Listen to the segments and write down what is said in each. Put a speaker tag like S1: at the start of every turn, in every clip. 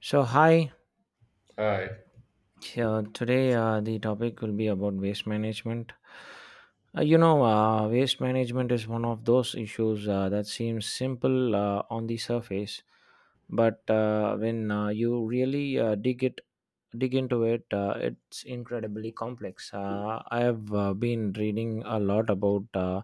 S1: So, hi.
S2: Right.
S1: Today, the topic will be about waste management. Waste management is one of those issues that seems simple on the surface, but when you really dig into it, it's incredibly complex. I have been reading a lot about uh,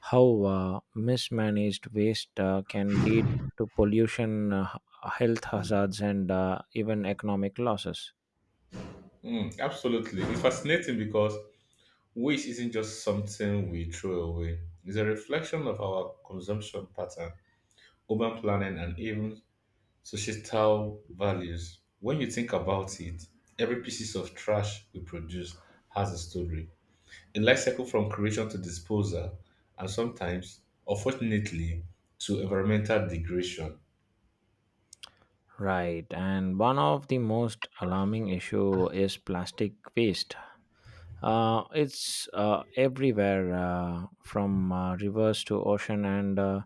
S1: how uh, mismanaged waste can lead to pollution, health hazards, and even economic losses.
S2: Mm, absolutely. It's fascinating because waste isn't just something we throw away. It's a reflection of our consumption pattern, urban planning, and even societal values. When you think about it, every piece of trash we produce has a story, a life cycle from creation to disposal, and sometimes, unfortunately, to environmental degradation.
S1: Right, and one of the most alarming issue is plastic waste. It's everywhere from rivers to ocean, and uh,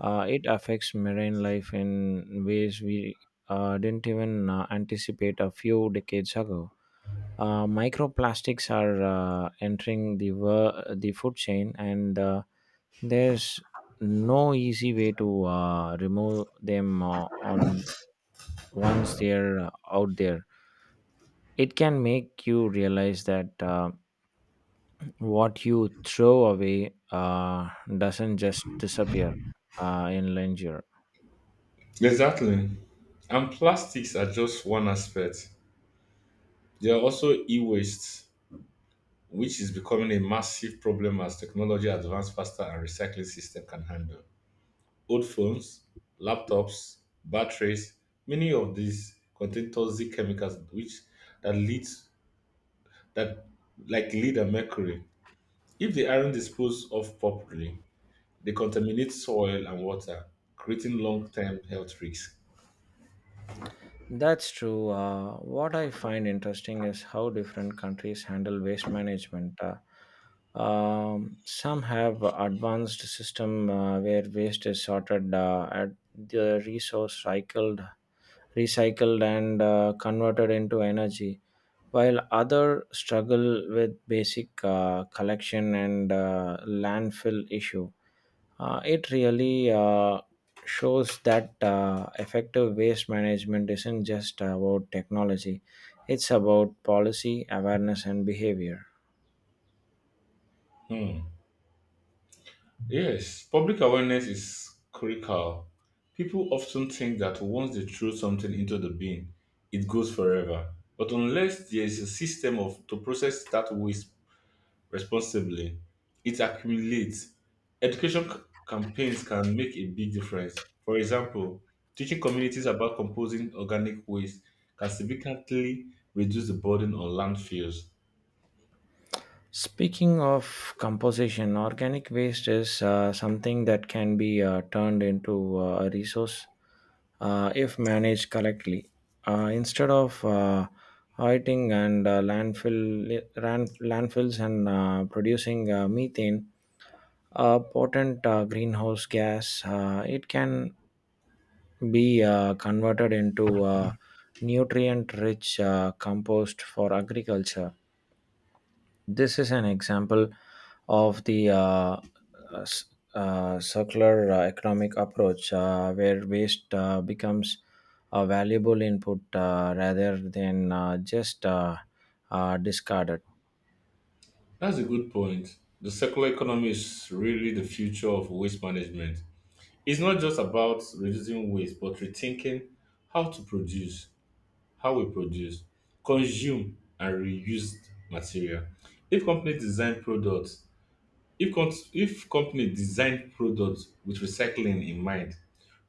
S1: uh, it affects marine life in ways we didn't even anticipate a few decades ago. Microplastics are entering the food chain, and there's no easy way to remove them on once they're out there. It can make you realize that what you throw away doesn't just disappear in linger.
S2: Exactly. And plastics are just one aspect. They are also e waste which is becoming a massive problem as technology advances faster and recycling system can handle. Old phones, laptops, batteries, many of these contain toxic chemicals which that leads that like lead and mercury. If they aren't disposed of properly, they contaminate soil and water, creating long-term health risks.
S1: That's true, what I find interesting is how different countries handle waste management. Some have advanced system where waste is sorted at the resource cycled, recycled, and converted into energy, while others struggle with basic collection and landfill issue. It really shows that effective waste management isn't just about technology, it's about policy, awareness, and behavior.
S2: Hmm. Yes, public awareness is critical. People often think that once they throw something into the bin, it goes forever. But unless there is a system of to process that waste responsibly, it accumulates. Education c- Campaigns can make a big difference. For example, teaching communities about composing organic waste can significantly reduce the burden on landfills.
S1: Speaking of composition, organic waste is something that can be turned into a resource if managed correctly. Instead of hoarding and landfills and producing methane, a potent greenhouse gas, it can be converted into nutrient-rich compost for agriculture. This is an example of the s- circular economic approach where waste becomes a valuable input rather than just discarded.
S2: That's a good point. The circular economy is really the future of waste management. It's not just about reducing waste, but rethinking how to produce, how we produce, consume, and reuse material. If company design products, if company design products with recycling in mind,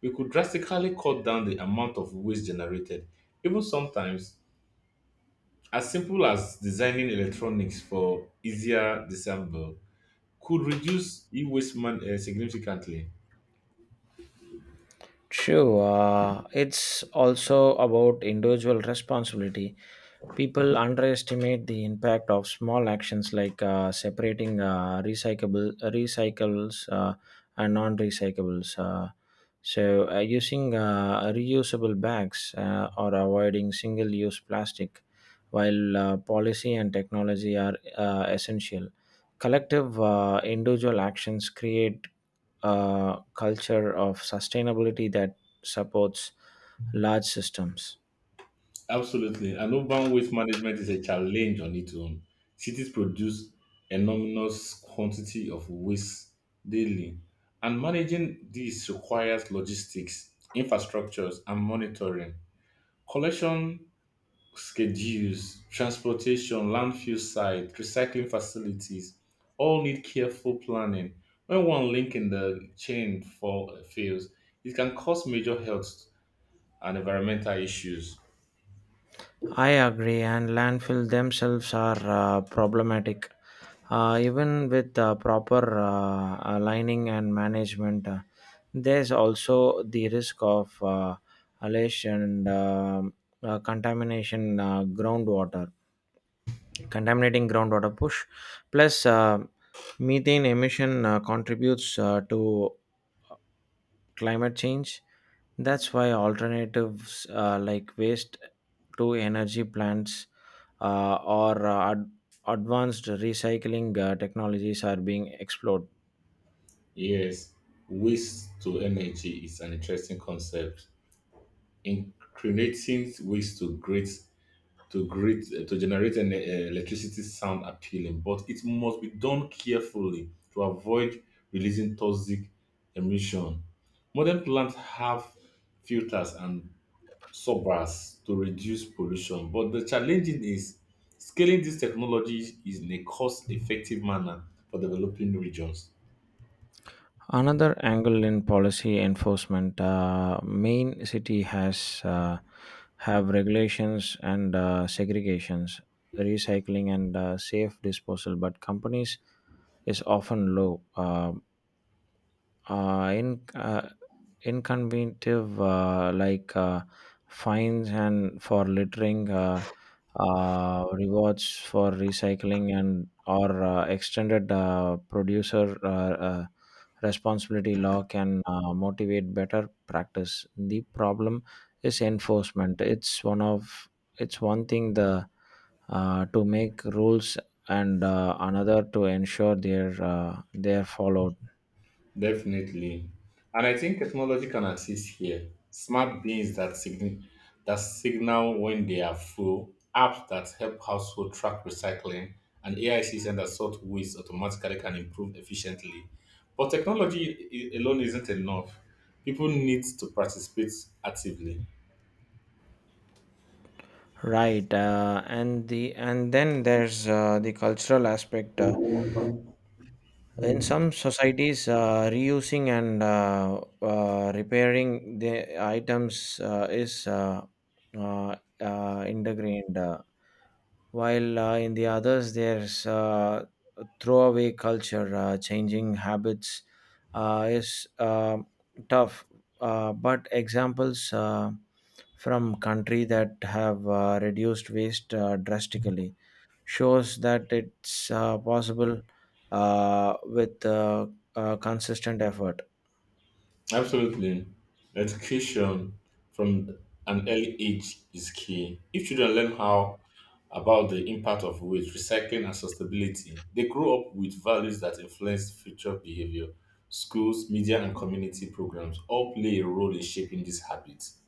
S2: we could drastically cut down the amount of waste generated. Even sometimes, as simple as designing electronics for easier disassemble could reduce significantly.
S1: Sure, it's also about individual responsibility. People underestimate the impact of small actions like separating recyclable recycles and non-recyclables. So, using reusable bags or avoiding single use plastic. While policy and technology are essential, collective individual actions create a culture of sustainability that supports large systems.
S2: Absolutely. And urban waste management is a challenge on its own. Cities produce enormous quantity of waste daily, and managing this requires logistics, infrastructures, and monitoring. Collection schedules, transportation, landfill site, recycling facilities all need careful planning. When one link in the fails, it can cause major health and environmental issues.
S1: I agree, and landfill themselves are problematic. Even with proper aligning and management, there's also the risk of alation and contamination groundwater. Contaminating groundwater push plus methane emission contributes to climate change. That's why alternatives like waste to energy plants or advanced recycling technologies are being explored.
S2: Yes, waste to energy is an interesting concept. Incriminating waste to generate an electricity sound appealing, but it must be done carefully to avoid releasing toxic emission. Modern plants have filters and subbars to reduce pollution, but the challenge is scaling this technology in a cost-effective manner for developing regions.
S1: Another angle in policy enforcement, main city has have regulations and segregations, recycling and safe disposal, but companies is often low. In Inconvenient like fines and for littering, rewards for recycling and or extended producer uh, responsibility law can motivate better practice. The problem is enforcement. It's one thing the to make rules and another to ensure their they are followed.
S2: Definitely. And I think technology can assist here. Smart beans that signal when they are full, apps that help household track recycling, and AI systems that sort waste automatically can improve efficiently. But alone isn't enough. People need to participate actively.
S1: Right, and the and then there's the cultural aspect. In some societies, reusing and repairing the items is uh, ingrained. While in the others, there's a throwaway culture. Uh, changing habits is tough. But examples from country that have reduced waste drastically shows that it's possible with consistent effort.
S2: Absolutely. Education from an early age is key. If children learn how about the impact of waste, recycling, and sustainability, they grow up with values that influence future behavior. Schools, media, and community programs all play a role in shaping these habits.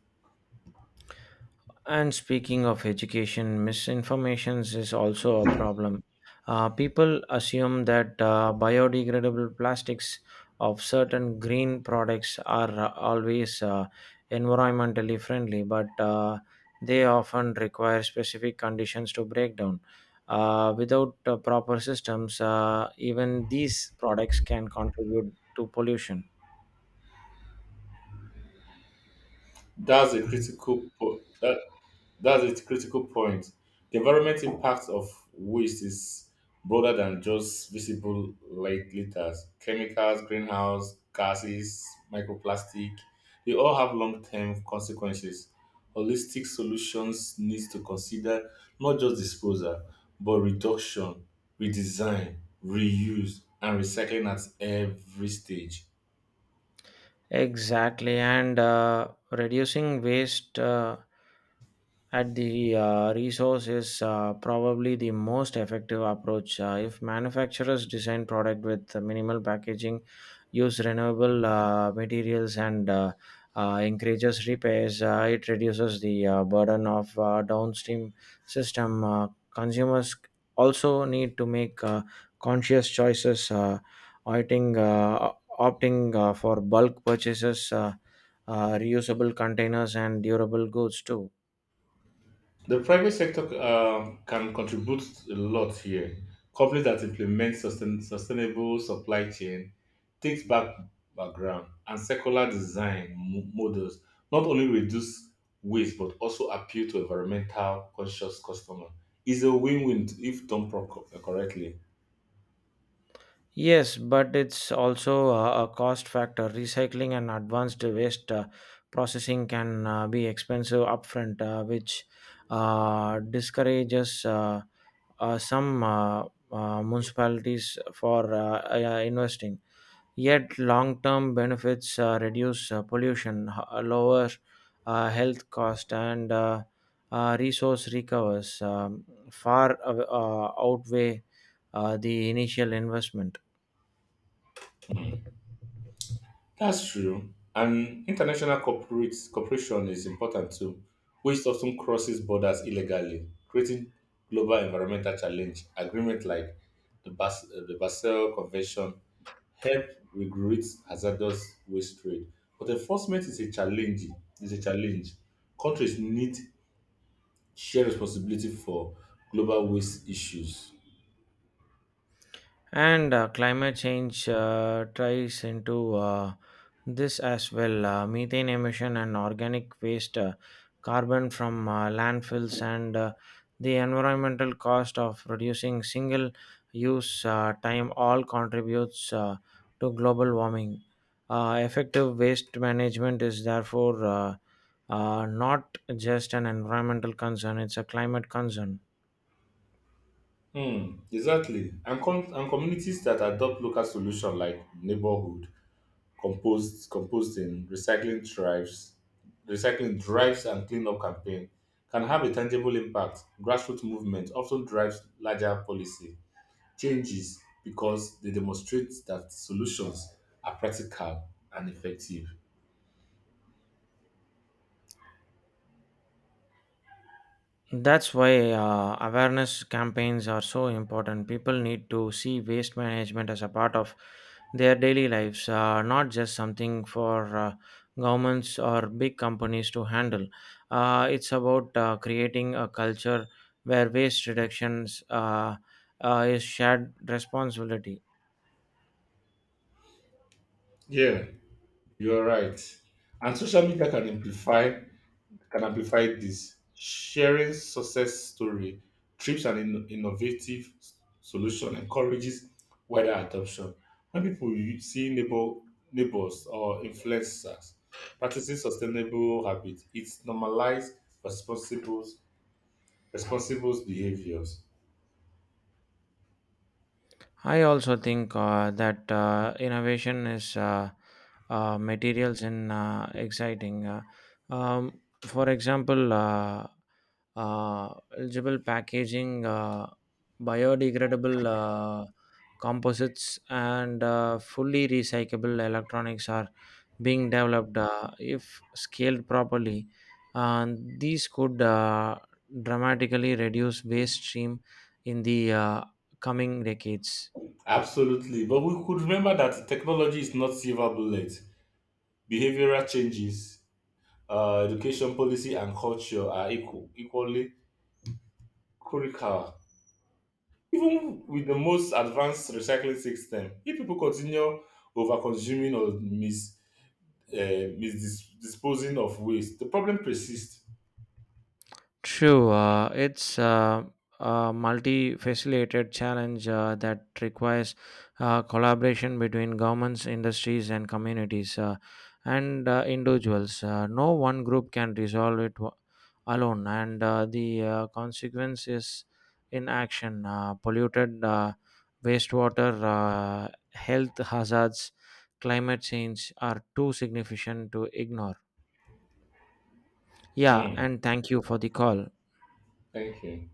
S1: And speaking of education, misinformation is also a problem. People assume that biodegradable plastics of certain green products are always environmentally friendly, but they often require specific conditions to break down. Without proper systems, even these products can contribute to pollution.
S2: That's a critical po- that, That's a critical point. The environment impact of waste is broader than just visible light litters. Chemicals, greenhouse gases, microplastic, they all have long-term consequences. Holistic solutions needs to consider not just disposal, but reduction, redesign, reuse, and recycling at every stage.
S1: Exactly, and reducing waste at the resource is probably the most effective approach. If manufacturers design product with minimal packaging, use renewable materials, and encourages repairs, it reduces the burden of downstream system. Consumers also need to make conscious choices, opting uh, opting for bulk purchases. Reusable containers and durable goods too.
S2: The private sector can contribute a lot here. Companies that implement sustainable supply chain, takes back background, and circular design models not only reduce waste but also appeal to environmental conscious customer. It's a win-win if done correctly.
S1: Yes, but it's also a cost factor. Recycling and advanced waste processing can be expensive upfront, which discourages some municipalities for investing. Yet, long term benefits reduce pollution, lower health cost, and resource recovers far outweigh the initial investment.
S2: That's true. And international corporates, cooperation is important too, which often crosses borders illegally, creating global environmental challenge. Agreement like the Basel Convention help regulate hazardous waste trade, but enforcement is a challenge. Is a challenge. Countries need shared responsibility for global waste issues.
S1: And climate change tries into this as well. Methane emission and organic waste, carbon from landfills, and the environmental cost of reducing single use time all contributes to global warming. Effective waste management is therefore not just an environmental concern, it's a climate concern.
S2: Hmm, exactly. And communities that adopt local solutions like neighborhood composting, recycling drives and cleanup campaign can have a tangible impact. Grassroots movement often drives larger policy changes because they demonstrate that solutions are practical and effective.
S1: That's why awareness campaigns are so important. People need to see waste management as a part of their daily lives, not just something for governments or big companies to handle. It's about creating a culture where waste reductions is shared responsibility.
S2: Yeah, you are right. And social media can amplify this. Sharing success story, trips, and innovative solution encourages wider adoption. When people u- see neighbors or influencers practicing sustainable habits, it normalizes responsible, responsible behaviors.
S1: I also think that innovation is materials in exciting. For example, eligible packaging, biodegradable composites, and fully recyclable electronics are being developed if scaled properly. And these could dramatically reduce waste stream in the coming decades.
S2: Absolutely, but we could remember that technology is not silver bullet. Behavioral changes, education policy, and culture are equally critical. Even with the most advanced recycling system, if people continue over-consuming or misdisposing of waste, the problem persists.
S1: True, it's a multi-facilitated challenge that requires collaboration between governments, industries, and communities, and individuals. No one group can resolve it alone, and the consequence is inaction. Polluted wastewater, health hazards, climate change are too significant to ignore. Yeah,
S2: Mm,
S1: and thank you for the call.
S2: thank you.